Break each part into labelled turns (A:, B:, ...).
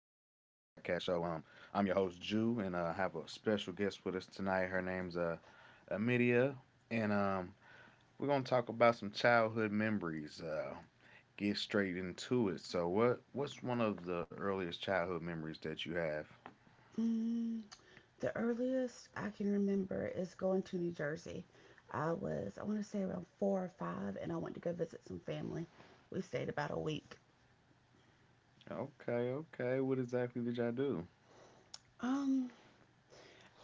A: Show. I'm your host, Jew, and I have a special guest with us tonight. Her name's Amelia, and we're gonna talk about some childhood memories. Get straight into it. So, what's one of the earliest childhood memories that you have?
B: Mm, the earliest I can remember is going to New Jersey. I was, I want to say around four or five, and I went to go visit some family. We stayed about a week.
A: Okay, okay. What exactly did y'all do?
B: Um,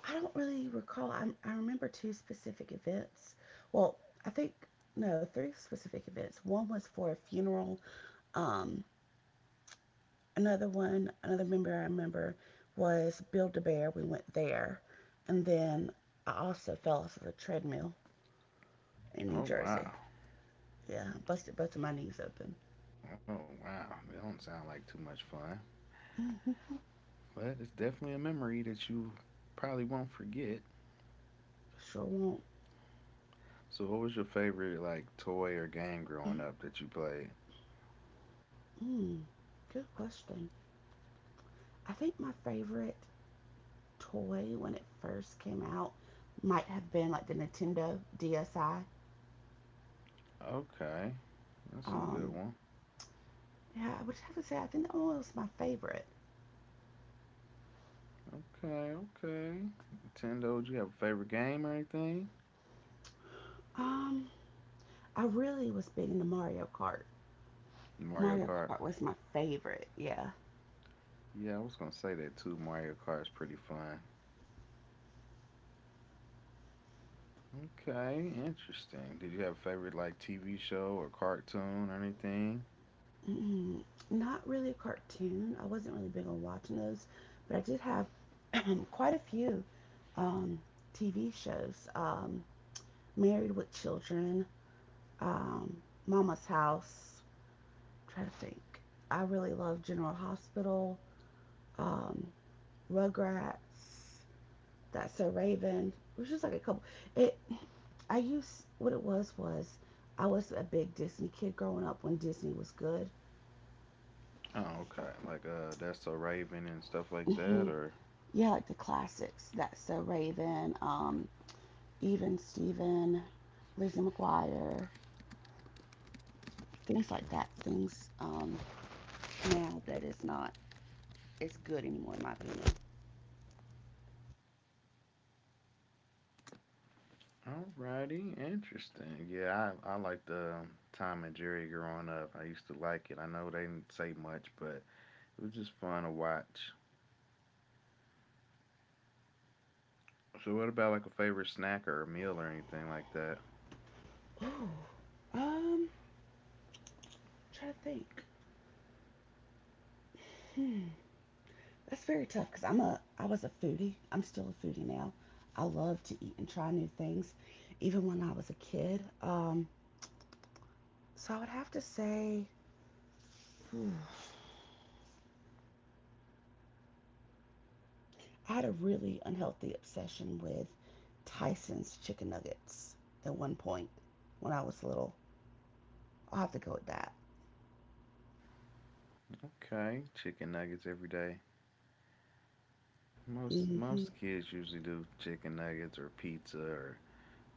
B: I don't really recall. I remember two specific events. Well, I think, no, three specific events. One was for a funeral. Um, another one, another member I remember was Build a Bear. We went there. And then I also fell off of a treadmill in New
A: Oh
B: Jersey.
A: wow,
B: Yeah, busted both of my knees open.
A: oh wow. It don't sound like too much fun, but it's definitely a memory that you probably won't forget.
B: Sure won't.
A: So, what was your favorite like toy or game growing up that you played?
B: Mm-mm. Good question. I think my favorite toy when it first came out might have been like the Nintendo DSi.
A: Okay, that's a good
B: Um,
A: one.
B: yeah, I would have to say I think that one was my favorite.
A: Okay, okay. Nintendo, do you have a favorite game or anything?
B: Um, I really was big into Mario Kart.
A: Mario
B: Mario
A: Kart.
B: Kart was my favorite. Yeah.
A: Yeah, I was gonna say that too. Mario Kart is pretty fun. Okay, interesting. Did you have a favorite like TV show or cartoon or anything?
B: Mm, not really a cartoon. I wasn't really big on watching those, but I did have quite a few um, TV shows. Married with Children, um, Mama's House. I'm trying to think. I really love General Hospital, um, Rugrats, That's So Raven. It was just like a couple. It. I used what it was I was a big Disney kid growing up when Disney was good.
A: Oh, okay. Like that's so Raven and stuff like that,
B: hmm
A: or
B: Yeah, like the classics. That's So Raven, Even Steven, Lizzie McGuire, things like that. Things now that it's not as good anymore, in my opinion.
A: alrighty, interesting. Yeah, I liked Tom and Jerry growing up. I used to like it. I know they didn't say much, but it was just fun to watch. So, what about like a favorite snack or a meal or anything like that?
B: Ooh, um, try to think. Hmm, that's very tough because I was a foodie. I'm still a foodie now. I love to eat and try new things, even when I was a kid. So I would have to say hmm, I had a really unhealthy obsession with Tyson's chicken nuggets at one point when I was little. I'll have to go with that.
A: Okay, chicken nuggets every day. Most
B: Mm-hmm.
A: most kids usually do chicken nuggets or pizza or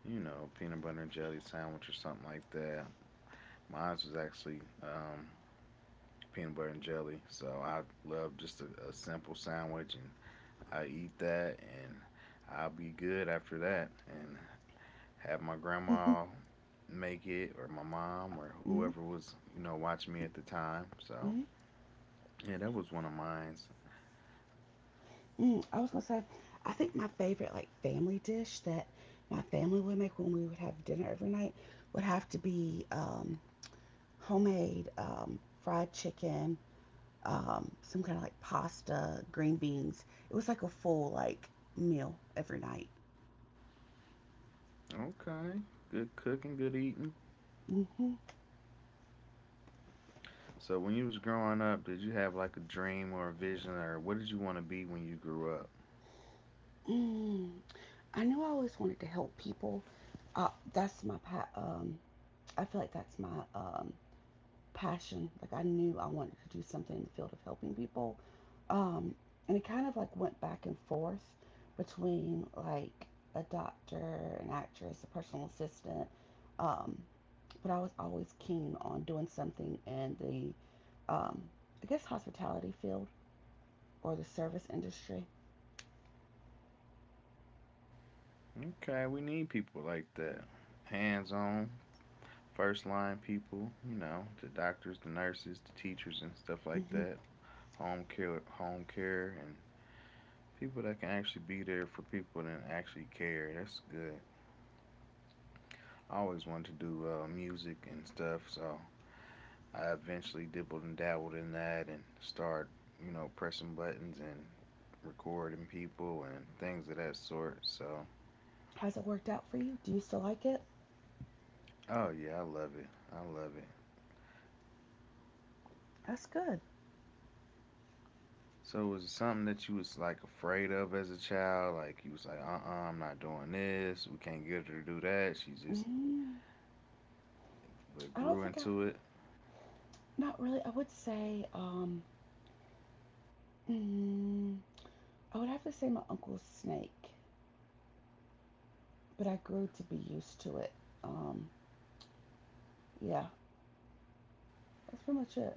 A: you know peanut butter and jelly sandwich or something like that. Mine was actually peanut butter and jelly, so I love just a simple sandwich and I eat that and I'll be good after that. And have my grandma make it or my mom or
B: Mm-hmm.
A: whoever was, you know, watching me at the time. So,
B: Mm-hmm.
A: yeah, that was one of mine.
B: I was gonna say, I think my favorite like family dish that my family would make when we would have dinner every night would have to be homemade fried chicken, some kind of like pasta, green beans. It was like a full like meal every night.
A: Okay. Good cooking, good eating.
B: hmm
A: So, when you was growing up, did you have like a dream or a vision or what did you want to be when you grew up?
B: Mm. I knew I always wanted to help people. Uh, that's my pa- um. I feel like that's my passion. Like I knew I wanted to do something in the field of helping people. Um, and it kind of like went back and forth between like a doctor, an actress, a personal assistant. Um, but I was always keen on doing something in um, I guess, hospitality field or the service industry.
A: Okay, we need people like that. Hands on, first line people, you know, the doctors, the nurses, the teachers and stuff like
B: hmm
A: that. Home care, home care, and people that can actually be there for people that actually care. That's good. I always wanted to do music and stuff, so I eventually dibbled and dabbled in that and started, you know, pressing buttons and recording people and things of that sort. So,
B: How's it worked out for you? Do you still like it?
A: oh yeah, I love it. I love it.
B: That's good.
A: So was it something that you was like afraid of as a child? Like you was like, I am not doing this. We can't get her to do that. She just
B: Mm,
A: but
B: I don't
A: grew
B: think I,
A: into it.
B: not really. Mm, I would have to say my uncle's snake, but I grew to be used to it. Um, yeah, that's pretty much it.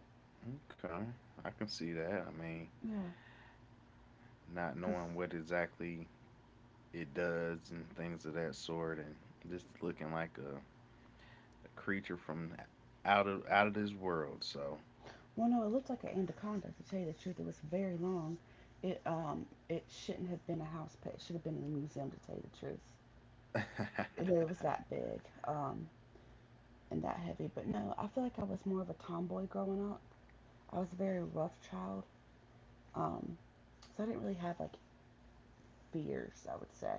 A: Okay, I can see that. I mean,
B: Yeah,
A: not
B: cause
A: knowing what exactly it does and things of that sort, and just looking like a creature from out of this world. So,
B: well, no, it looked like an anaconda. To tell you the truth, it was very long. It shouldn't have been a house pet. It should have been in the museum. To tell you the truth,
A: okay.
B: it was that big um, and that heavy. But no, I feel like I was more of a tomboy growing up. I was a very rough child, um, so I didn't really have like fears. I would say.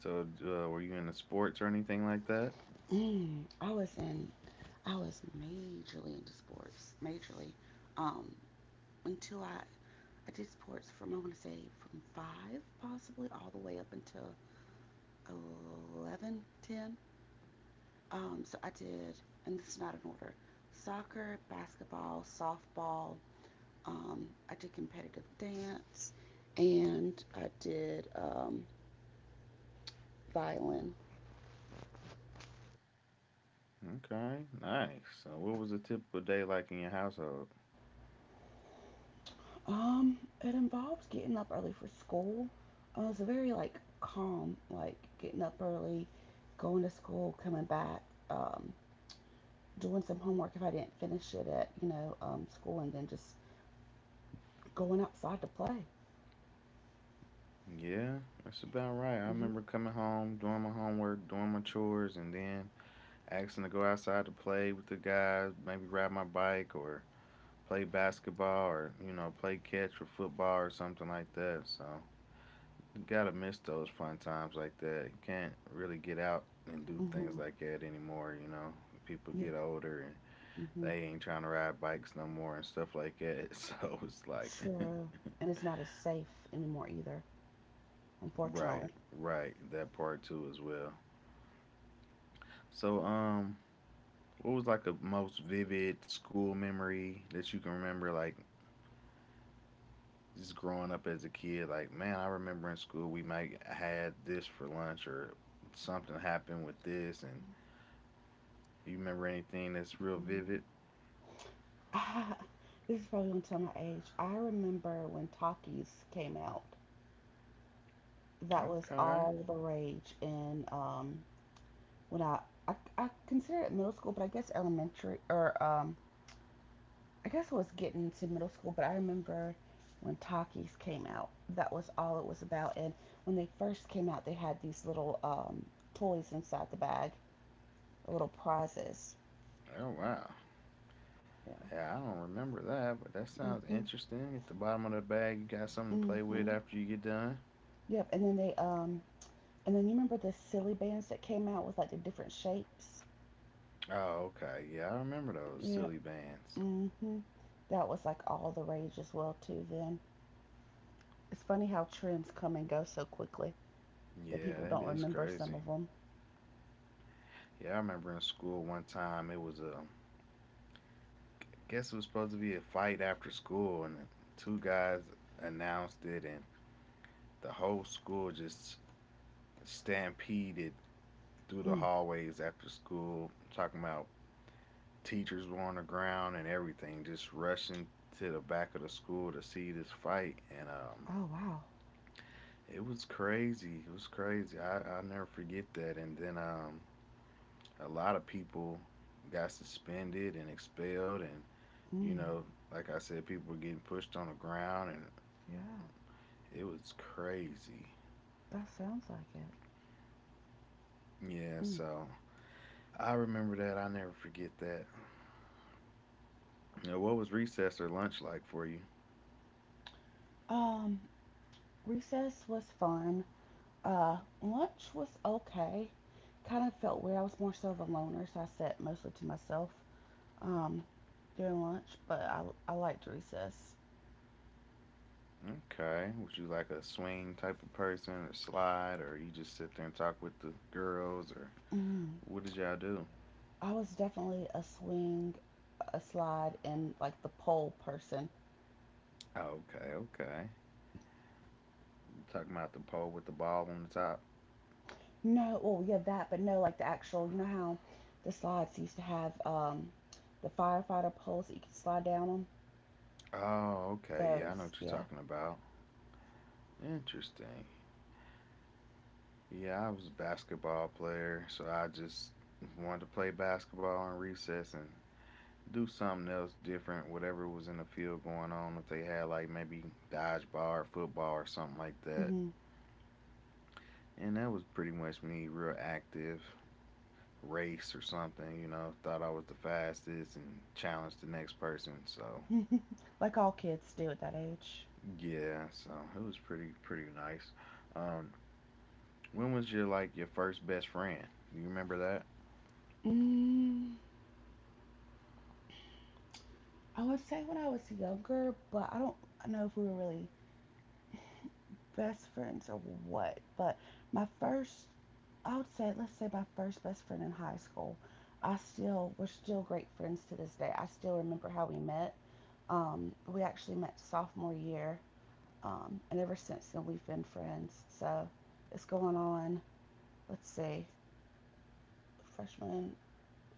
A: So, were you into sports or anything like that?
B: Mm, I was in I was majorly into sports, majorly, um, until I did sports from I want to say from five possibly all the way up until 11 10. So I did, and this is not in order: soccer, basketball, softball. I did competitive dance, and I did violin.
A: Okay, nice. So, what was a typical day like in your household?
B: Um, it involves getting up early for school. It's very like calm, like getting up early, going to school, coming back, um, doing some homework if I didn't finish it at school, and then just going outside to play.
A: Yeah, that's about right. I
B: hmm
A: remember coming home, doing my homework, doing my chores, and then asking to go outside to play with the guys, maybe ride my bike or play basketball or you know play catch or football or something like that. So you gotta miss those fun times like that. You can't really get out and do things
B: hmm
A: like that anymore. You know, people
B: Yeah.
A: get older and
B: hmm
A: they ain't trying to ride bikes no more and stuff like that. So it's like,
B: True. And it's not as safe anymore either,
A: right,
B: unfortunately.
A: right, that part too as well. So what was like a most vivid school memory that you can remember like just growing up as a kid, like man, I remember in school we might had this for lunch or something happened with this, and you remember anything that's real
B: Mm.
A: vivid?
B: This is probably gonna tell my age. I remember when Talkies came out. That was
A: Okay.
B: all the rage in when I, I consider it middle school, but I guess elementary or I guess it was getting to middle school. But I remember when Takis came out, that was all it was about. And when they first came out, they had these little toys inside the bag, little prizes.
A: Oh wow.
B: Yeah.
A: Yeah, I don't remember that, but that sounds
B: Mhm.
A: interesting. At the bottom of the bag, you got something to play with
B: Mhm.
A: after you get done.
B: Yep. And then you remember the silly bands that came out with like the different shapes.
A: Oh, okay. Yeah, I remember those
B: Yeah.
A: silly bands.
B: hmm That was like all the rage as well too. Then it's funny how trends come and go so quickly that
A: Yeah,
B: people
A: that
B: don't
A: is
B: remember some
A: crazy.
B: of them.
A: Yeah, I remember in school one time it was a I guess it was supposed to be a fight after school, and the two guys announced it, and the whole school just stampeded through the
B: Mm.
A: hallways after school. I'm talking about teachers were on the ground and everything, just rushing to the back of the school to see this fight. And
B: Oh wow.
A: it was crazy. It was crazy. I'll never forget that. And then a lot of people got suspended and expelled. And, you
B: Mm.
A: know, like I said, people were getting pushed on the ground. And
B: Yeah,
A: it was crazy.
B: that sounds like it.
A: Yeah,
B: Mm.
A: so I remember that. I never forget that. Now, what was recess or lunch like for you?
B: Um, recess was fun. Uh, lunch was okay. Kind of felt weird. I was more so of a loner, so I sat mostly to myself um, during lunch. But I liked recess.
A: Okay. Was you like a swing type of person or slide or you just sit there and talk with the girls or
B: Mm.
A: what did y'all do?
B: I was definitely a swing, a slide, and like the pole person.
A: Okay, okay. You talking about the pole with the ball on the top?
B: No, oh yeah, that, but no, like the actual. You know how the slides used to have the firefighter poles that you could slide down on.
A: Oh, okay. Yeah, I know
B: Those,
A: what you're
B: yeah.
A: talking about. Interesting. Yeah, I was a basketball player, so I just wanted to play basketball in recess and do something else different, whatever was in the field going on. If they had like maybe dodgeball or football or something like that,
B: hmm
A: and that was pretty much me, real active race or something, you know, thought I was the fastest and challenged the next person. So,
B: like all kids do at that age.
A: yeah, so it was pretty nice. Um, when was your like your first best friend? Do you remember that?
B: Mm, I would say when I was younger, but I don't know if we were really best friends or what. But my first I would say, let's say my first best friend in high school. We're still great friends to this day. I still remember how we met. We actually met sophomore year, and ever since then we've been friends. So it's going on. Let's see, freshman,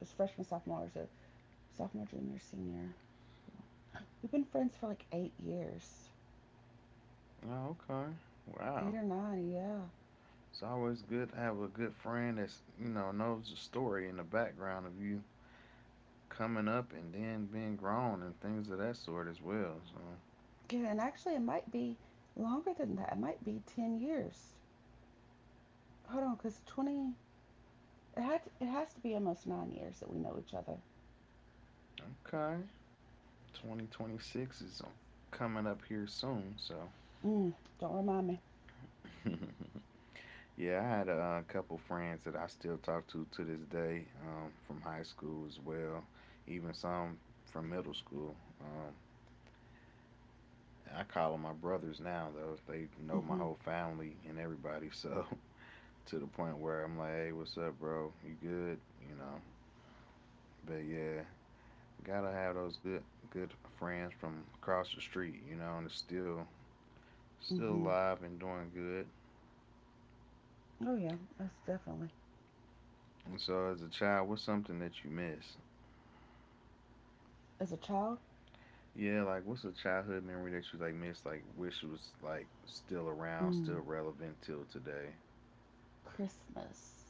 B: freshman, sophomore, so sophomore, junior, senior. We've been friends for like 8 years,
A: Oh, okay. Wow.
B: eight or nine, yeah.
A: It's always good to have a good friend that's, you know, knows the story and the background of you coming up and then being grown and things of that sort as well. So,
B: Yeah, and actually it might be longer than that. It might be 10 years. Hold on, cause 20. It has to be almost 9 years that we know each other.
A: okay. 2026 is coming up here soon, so
B: Mm, don't remind me.
A: yeah, I had a couple friends that I still talk to this day from high school as well, even some from middle school. Um, I call them my brothers now, though. They know my
B: Mm-hmm.
A: whole family and everybody, so to the point where I'm like, hey, what's up, bro? You good? You know, but yeah, gotta have those good friends from across the street, you know, and it's still
B: Mm-hmm.
A: alive and doing good.
B: Oh yeah, most definitely.
A: And so, as a child, what's something that you miss?
B: As a child,
A: Yeah, like what's a childhood memory that you like miss? Like wish it was like still around, still
B: mm,
A: relevant till today.
B: Christmas.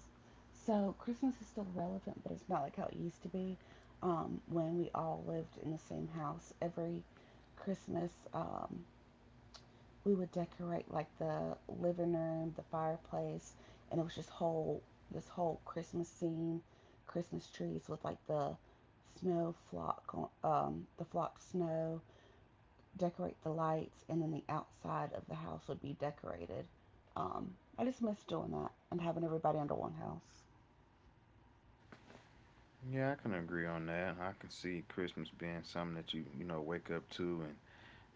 B: So Christmas is still relevant, but it's not like how it used to be. When we all lived in the same house every Christmas, we would decorate like the living room, the fireplace, and it was just whole this whole Christmas scene, Christmas trees with like the snow flock, the flock snow, decorate the lights, and then the outside of the house would be decorated. I just miss doing that and having everybody under one house.
A: Yeah, I can agree on that. I can see Christmas being something that you know wake up to and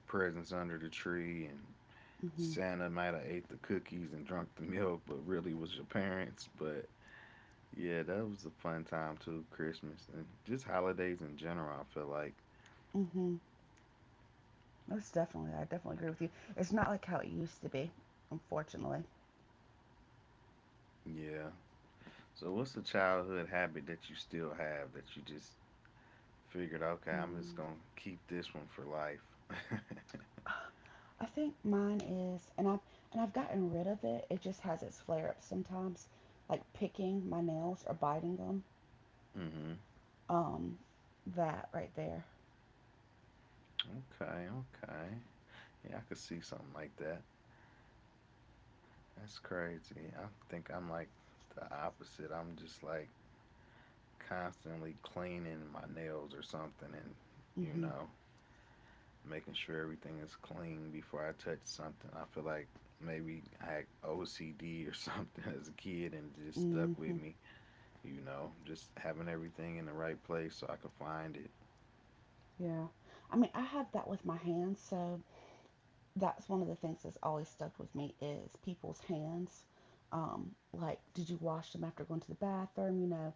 A: presents under the tree and
B: Mhm.
A: Santa might have ate the cookies and drunk the milk, but really was your parents. But yeah, that was a fun time too, Christmas and just holidays in general. I feel like
B: Mhm. Most definitely, I definitely agree with you. It's not like how it used to be, unfortunately.
A: yeah. So what's a childhood habit that you still have that you just figured, okay, I'm just
B: Mm.
A: gonna keep this one for life.
B: I think mine is, and I've gotten rid of it. It just has its flare-ups sometimes, like picking my nails or biting them.
A: Mm-hmm.
B: Um, that right there.
A: Okay, okay. Yeah, I could see something like that. That's crazy. I think I'm like the opposite. I'm just like constantly cleaning my nails or something and, you
B: Mhm.
A: know, making sure everything is clean before I touch something. I feel like maybe I had OCD or something as a kid and it just stuck with
B: Mhm.
A: me, you know, just having everything in the right place so I could find it.
B: Yeah. I mean, I have that with my hands, so that's one of the things that's always stuck with me is people's hands. Like, did you wash them after going to the bathroom? You know,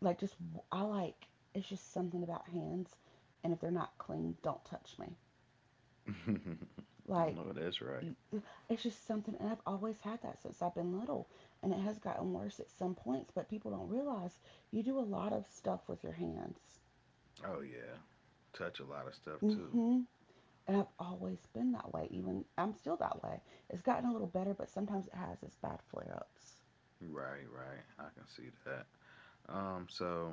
B: like just I like it's just something about hands, and if they're not clean, don't touch me.
A: I
B: Like,
A: know that's right.
B: it's just something, and I've always had that since I've been little, and it has gotten worse at some points, but people don't realize you do a lot of stuff with your hands.
A: Oh yeah, touch a lot of stuff too.
B: hmm And I've always been that way, even I'm still that way. It's gotten a little better, but sometimes it has its bad flare ups.
A: Right, right. I can see that. So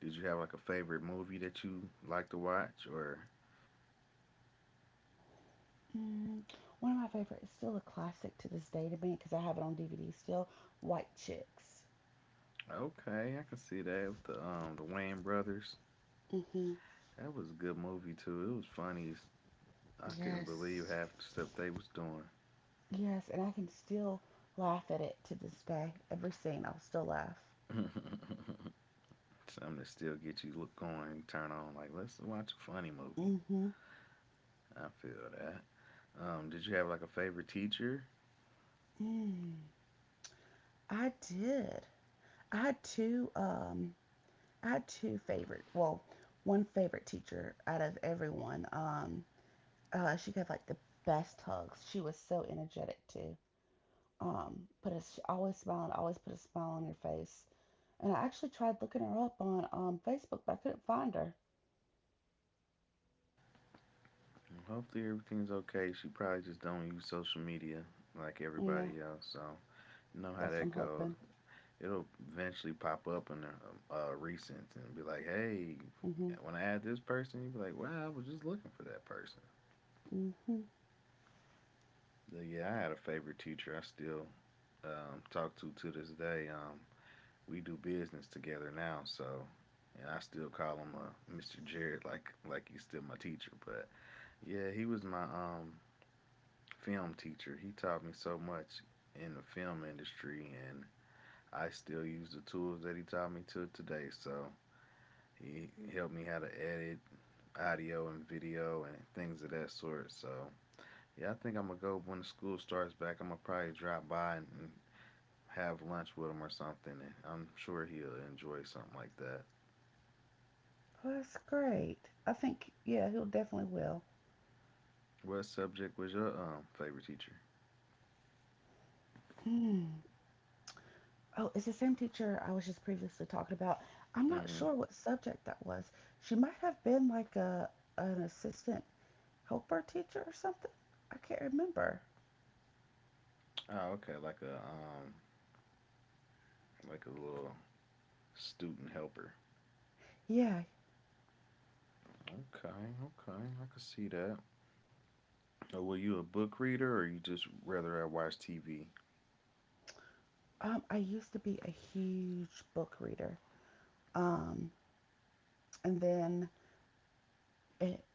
A: did you have like a favorite movie that you like to watch? Or
B: Mm, one of my favorite, it's still a classic to this day to me because I have it on DVD still. White Chicks.
A: okay, I can see that with the the Wayne brothers.
B: hmm
A: That was a good movie too. It was funny. I couldn't believe
B: Yes.
A: half the stuff they was doing.
B: Yes, and I can still laugh at it to this day. Every scene, I'll still laugh.
A: Something that still get you look going, turn on like let's watch a funny movie.
B: Mm-hmm.
A: I feel that. Did you have like a favorite teacher?
B: Mm. I did. I had two. I had two favorite. Well, one favorite teacher out of everyone. She gave like the best hugs. She was so energetic too. Put a she always smiled. Always put a smile on your face. And I actually tried looking her up on Facebook, but I couldn't find her.
A: Hopefully everything's okay. She probably just don't use social media like
B: Yeah,
A: everybody else. So you know how
B: that's what I'm
A: that goes.
B: hoping.
A: It'll eventually pop up in the recent and be like, hey,
B: Mm-hmm.
A: when I had this person, you'd be like, wow, I was just looking for that person.
B: Mm-hmm.
A: But yeah, I had a favorite teacher I still talk to this day. We do business together now, so and I still call him Mr. Jared like he's still my teacher. But yeah, he was my film teacher. He taught me so much in the film industry, and I still use the tools that he taught me to today. So he helped me how to edit audio and video and things of that sort. So yeah, I think I'm gonna go when the school starts back. I'm gonna probably drop by and have lunch with him or something. And I'm sure he'll enjoy something like that.
B: Well, that's great. I think yeah, he'll definitely will.
A: What subject was your favorite teacher?
B: Mm. Oh, it's the same teacher I was just previously talking about. I'm not
A: Mm-hmm.
B: sure what subject that was. She might have been like a an assistant helper teacher or something. I can't remember.
A: Oh, okay, like a little student helper.
B: Yeah,
A: Okay, okay, I can see that. Oh, were you a book reader or you just rather I watch TV?
B: I used to be a huge book reader. Um, and then it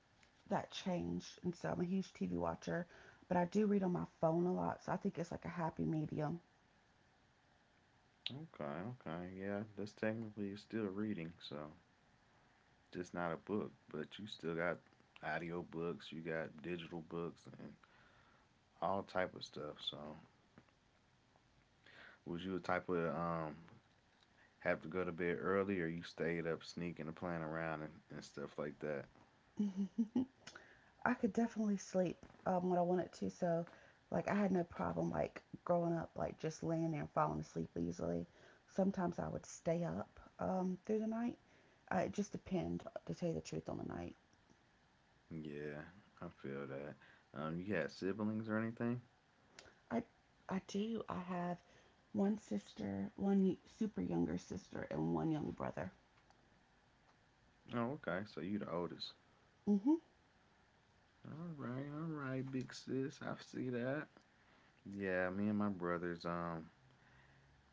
B: that changed, and so I'm a huge TV watcher, but I do read on my phone a lot, so I think it's like a happy medium.
A: Okay, okay, yeah, that's technically still reading, so just not a book, but you still got audio books, you got digital books, and all type of stuff. So, was you a type of have to go to bed early, or you stayed up sneaking and playing around and stuff like that?
B: I could definitely sleep when I wanted to. So, like, I had no problem, like, growing up, like, just laying there and falling asleep easily. Sometimes I would stay up through the night. It just depends, to tell you the truth, on the night.
A: Yeah, I feel that. You had siblings or anything?
B: I, I do. I have one sister, one super younger sister, and one young brother.
A: Oh, okay, so you the oldest.
B: Mm-hmm.
A: All right, big sis, I see that. Yeah, me and my brothers,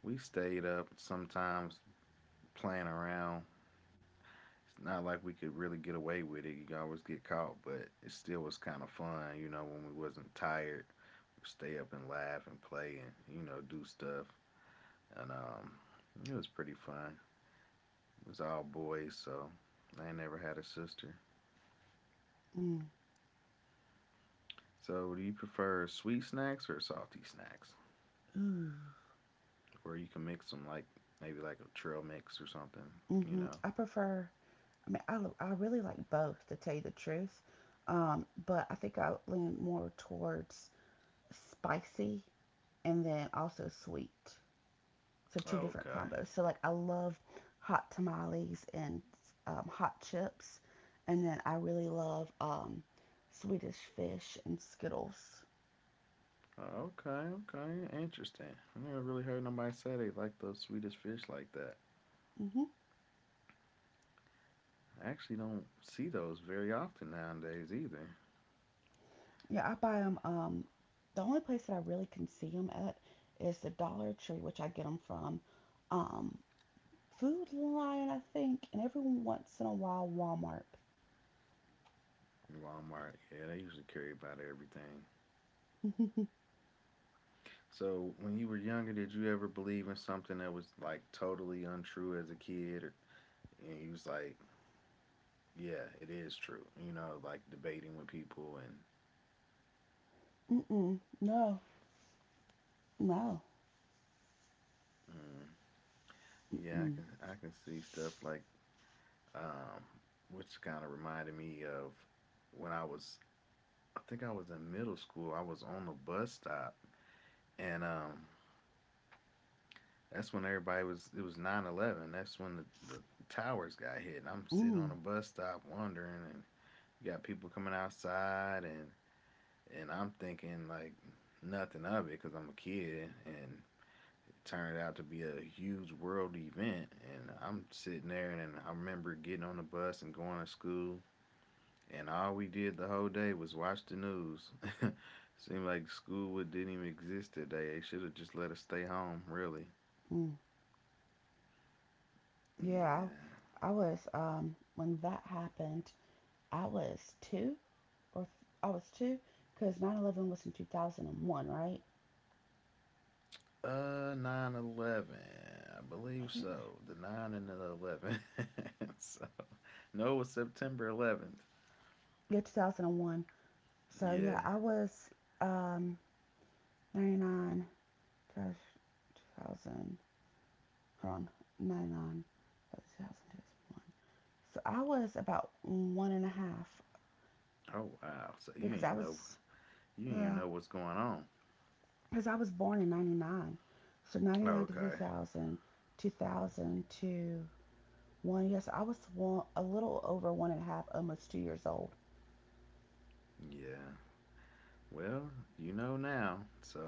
A: we stayed up sometimes playing around. It's not like we could really get away with it. You could always get caught, but it still was kind of fun, you know, when we wasn't tired. We'd stay up and laugh and play and, you know, do stuff. And it was pretty fun. It was all boys, so I ain't never had a sister.
B: Mm.
A: So, do you prefer sweet snacks or salty snacks?
B: Ooh.
A: Or you can mix them like maybe like a trail mix or something, you
B: Mm-hmm.
A: know?
B: I prefer, I mean, I really like both, to tell you the truth. But I think I lean more towards spicy and then also sweet. So two
A: Oh,
B: different
A: okay.
B: combos. So like I love hot tamales and hot chips, and then I really love Swedish fish and Skittles.
A: Oh, okay, okay, interesting. I never really heard nobody say they like those Swedish fish like that.
B: Hmm.
A: I actually don't see those very often nowadays either.
B: Yeah, I buy them. The only place that I really can see them at is the Dollar Tree, which I get them from um, Food Lion, I think, and every once in a while Walmart.
A: In Walmart, yeah, they usually carry about everything. So, when you were younger, did you ever believe in something that was like totally untrue as a kid, or, and you was like, yeah, it is true? You know, like debating with people and
B: Mm-mm, no, no.
A: mm, yeah,
B: Mm-mm,
A: I can see stuff like um, which kind of reminded me of when I was I think I was in middle school. I was on the bus stop, and that's when everybody was. It was 9/11. That's when the towers got hit. And I'm sitting on
B: mm,
A: a bus stop wondering, and you got people coming outside, and I'm thinking like nothing of it because I'm a kid, and it turned out to be a huge world event. And I'm sitting there, and I remember getting on the bus and going to school and all we did the whole day was watch the news. Seemed like didn't even exist today. They should have just let us stay home, really.
B: mm. Yeah,
A: Yeah.
B: I was when that happened, I was two or th- I was two because 9/11 was in 2001, right?
A: 9/11. I
B: I
A: believe
B: think.
A: so. The 9 and the 11. so, no, it was September 11th.
B: Yeah, 2001. So yeah,
A: Yeah.
B: I was um 99 to 2000. Hold on, 99 to 2000. So I was about one and a half,
A: Oh, wow. So you
B: because I
A: ain't know,
B: was
A: you ain't even
B: yeah,
A: know what's going on.
B: because I was born in 99. So
A: Oh,
B: 99 to two
A: okay.
B: thousand 2000 to one, yes, I was one, a little over one and a half, almost 2 years old.
A: Yeah. Well, you know now. So,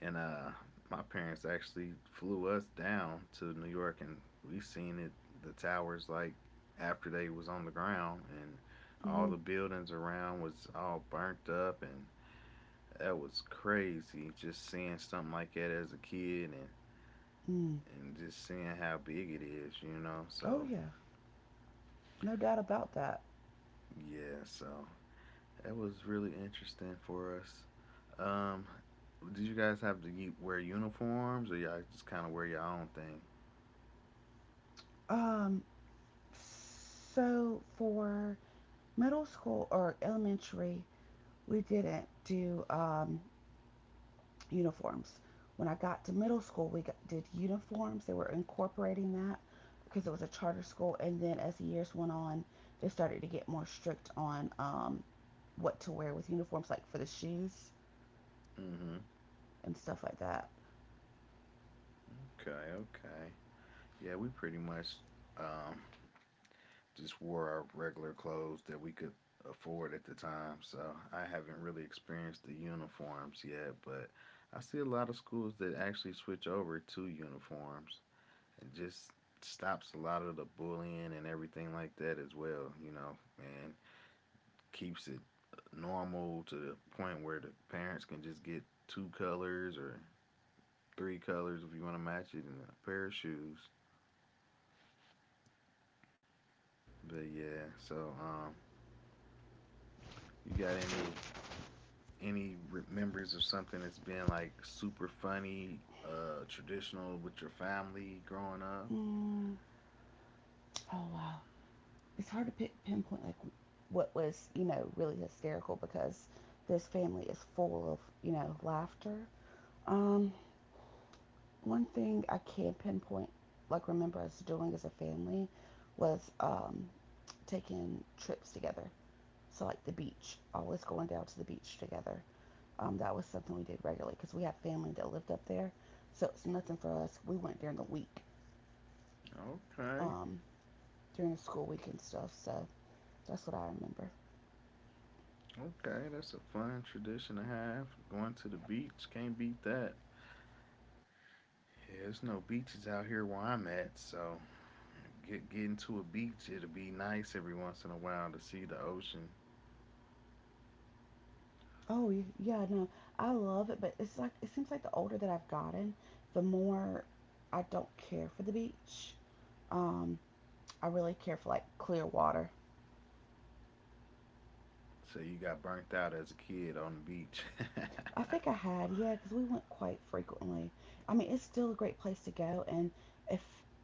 A: and my parents actually flew us down to New York, and we seen it the towers like after they was on the ground, and all
B: Hmm.
A: the buildings around was all burnt up, and that was crazy. Just seeing something like that as a kid, and
B: Mm.
A: just seeing how big it is, you know.
B: Oh,
A: So
B: yeah, no doubt about that.
A: yeah, so that was really interesting for us. Um, did you guys have to wear uniforms, or y'all just kind of wear your own thing?
B: Um, so for middle school or elementary, we didn't do uniforms. When I got to middle school, we did uniforms. They were incorporating that because it was a charter school. And then as the years went on, they started to get more strict on what to wear with uniforms, like for the shoes
A: Hmm.
B: and stuff like that.
A: Okay, okay. Yeah, we pretty much um, just wore our regular clothes that we could afford at the time. So I haven't really experienced the uniforms yet, but I see a lot of schools that actually switch over to uniforms and just stops a lot of the bullying and everything like that as well, you know, and keeps it normal to the point where the parents can just get two colors or three colors if you want to match it and a pair of shoes. But yeah, so you got any memories of something that's been like super funny, traditional with your family growing up?
B: Mm, Oh wow, it's hard to pi pinpoint like what was really hysterical because this family is full of laughter. Um, one thing I can pinpoint, like remember us doing as a family, was taking trips together. So like the beach, always going down to the beach together. That was something we did regularly because we have family that lived up there, so it's nothing for us. We went during the week,
A: Okay,
B: um, during the school week and stuff. So that's what I remember.
A: okay, that's a fun tradition to have. Going to the beach, can't beat that. Yeah, there's no beaches out here where I'm at, so getting to a beach, it'll be nice every once in a while to see the ocean.
B: Oh yeah, no, I love it, but it's like it seems like the older that I've gotten, the more I don't care for the beach. Um, I really care for like clear water.
A: So you got burnt out as a kid on the beach.
B: I think I had, yeah, because we went quite frequently. I mean, it's still a great place to go, and if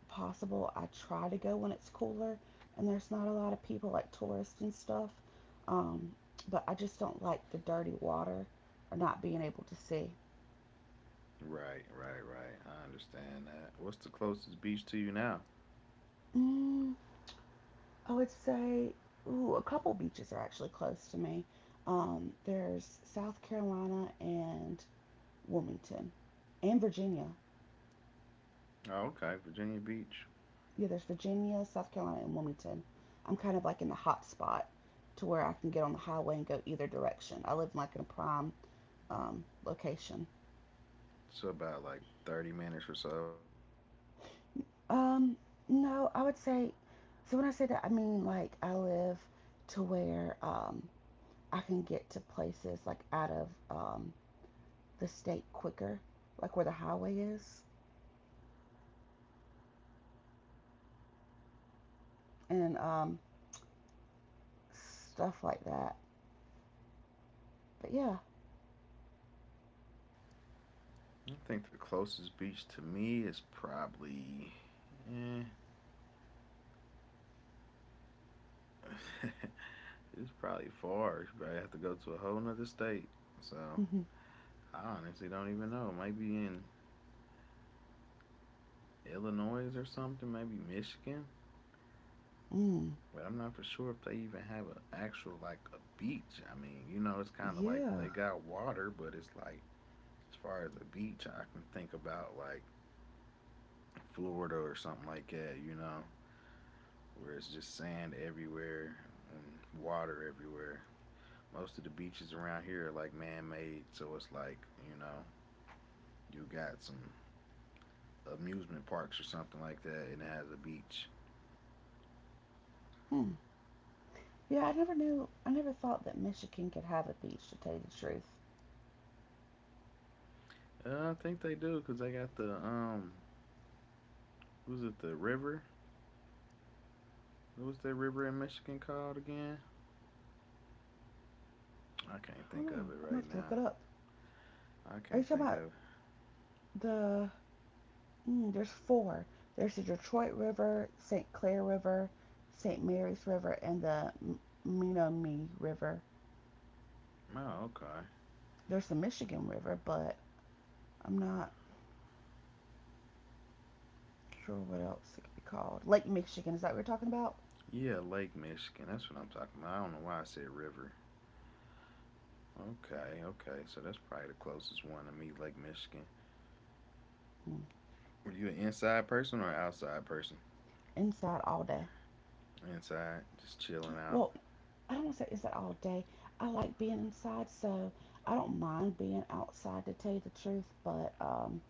B: possible, I try to go when it's cooler and there's not a lot of people like tourists and stuff. Um, but I just don't like the dirty water or not being able to see.
A: Right, right, right. I understand that. What's the closest beach to you now?
B: Mm, I would say, ooh, a couple beaches are actually close to me. There's South Carolina and Wilmington, and Virginia.
A: Oh, okay, Virginia Beach.
B: Yeah, there's Virginia, South Carolina, and Wilmington. I'm kind of like in the hot spot to where I can get on the highway and go either direction. I live like in a prime location.
A: So about like 30 minutes or so.
B: Um, no, I would say. So when I say that, I mean like I live to where I can get to places like out of the state quicker, like where the highway is and stuff like that. But yeah.
A: I think the closest beach to me is probably. Eh, it's probably far. You probably have to go to a whole nother state. So I honestly don't even know. Maybe in Illinois or something, maybe Michigan.
B: Mm.
A: But I'm not for sure if they even have an actual like a beach. I mean, you know, it's kind of like
B: Yeah.
A: they got water, but it's like as far as the beach, I can think about like Florida or something like that, you know, where it's just sand everywhere and water everywhere. Most of the beaches around here are like man made, so it's like, you know, you got some amusement parks or something like that and it has a beach.
B: Hmm. Yeah. I never knew. I never thought that Michigan could have a beach. To tell you the truth,
A: I think they do because they got the, was it the river? What was that river in Michigan called again? I can't
B: I don't
A: think
B: know.
A: of it
B: I'm gonna
A: right
B: have to look
A: now.
B: it up.
A: I
B: Are you
A: can't
B: talking
A: think
B: about
A: of it.
B: the? There's four. There's the Detroit River, St. Clair River, St. Mary's River, and the Menominee River.
A: Oh, okay.
B: There's the Michigan River, but I'm not sure, what else it could be called. Lake Michigan. Is that what we're talking about?
A: Yeah, Lake Michigan. That's what I'm talking about. I don't know why I said river. Okay, okay. So that's probably the closest one to me, Lake Michigan. Were you an inside person or outside person?
B: Inside all day.
A: Inside, just chilling out.
B: Well, I don't want to say inside all day. I like being inside, so I don't mind being outside to tell you the truth. But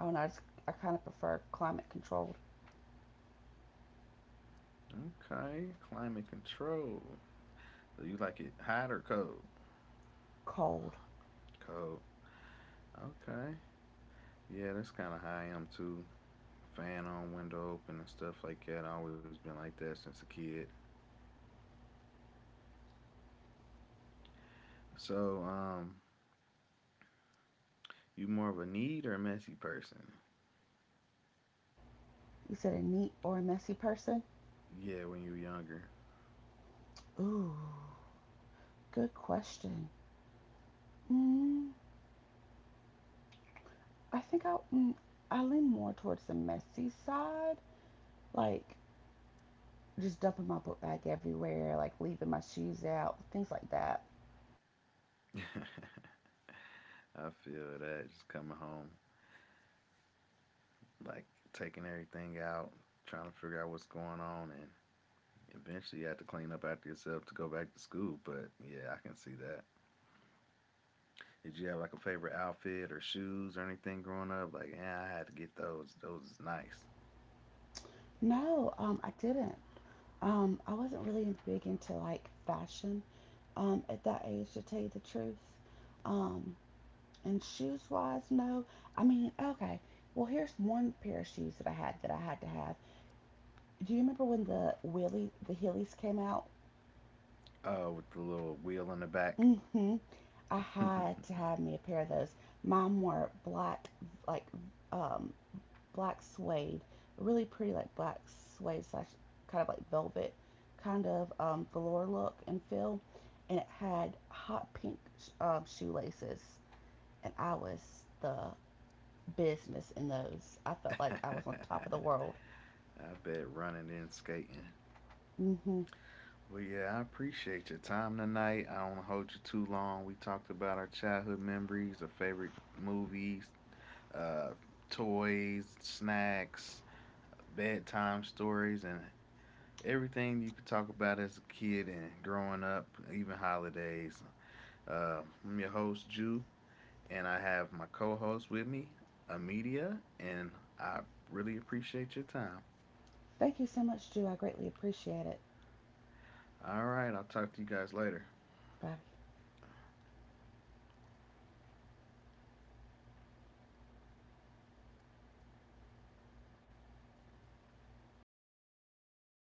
B: I don't know. I, just, I kind of prefer climate controlled.
A: Okay, climate control. So you like it hot or cold?
B: Cold.
A: Cold. Okay. Yeah, that's kind of how I am too. Fan on, window open, and stuff like that. I always been like that since a kid. So, you more of a need or a messy person?
B: You said a neat or a messy person?
A: Yeah, when you were younger.
B: Ooh, good question. Mm, I think I lean more towards the messy side. Like just dumping my book bag everywhere, like leaving my shoes out, things like that.
A: I feel that just coming home, like taking everything out, trying to figure out what's going on, and eventually you have to clean up after yourself to go back to school. But yeah, I can see that. Did you have like a favorite outfit or shoes or anything growing up? Like, yeah, I had to get those. Those is nice.
B: No, I didn't. I wasn't really big into like fashion at that age, to tell you the truth. Um, and shoes wise, no. I mean, okay. Well, here's one pair of shoes that I had to have. Do you remember when the the Heelys came out?
A: Oh, with the little wheel in the back.
B: Mm-hmm. I had to
A: I
B: have me a pair of those. Mine were black, like um, black suede, really pretty like black suede slash kind of like velvet kind of velour look and feel, and it had hot pink shoelaces, and I was the business in those. I felt like I was on top of the world.
A: bet running and skating.
B: Mm hmm
A: Well, yeah, I appreciate your time tonight. I don't want to hold you too long. We talked about our childhood memories, our favorite movies, uh, toys, snacks, bedtime stories, and everything you could talk about as a kid and growing up, even holidays. I'm your host, Jew, and I have my co host with me, Amedia, and I really appreciate your time.
B: Thank you so much, Drew. I greatly appreciate it.
A: All right, I'll talk to you guys later.
B: Bye.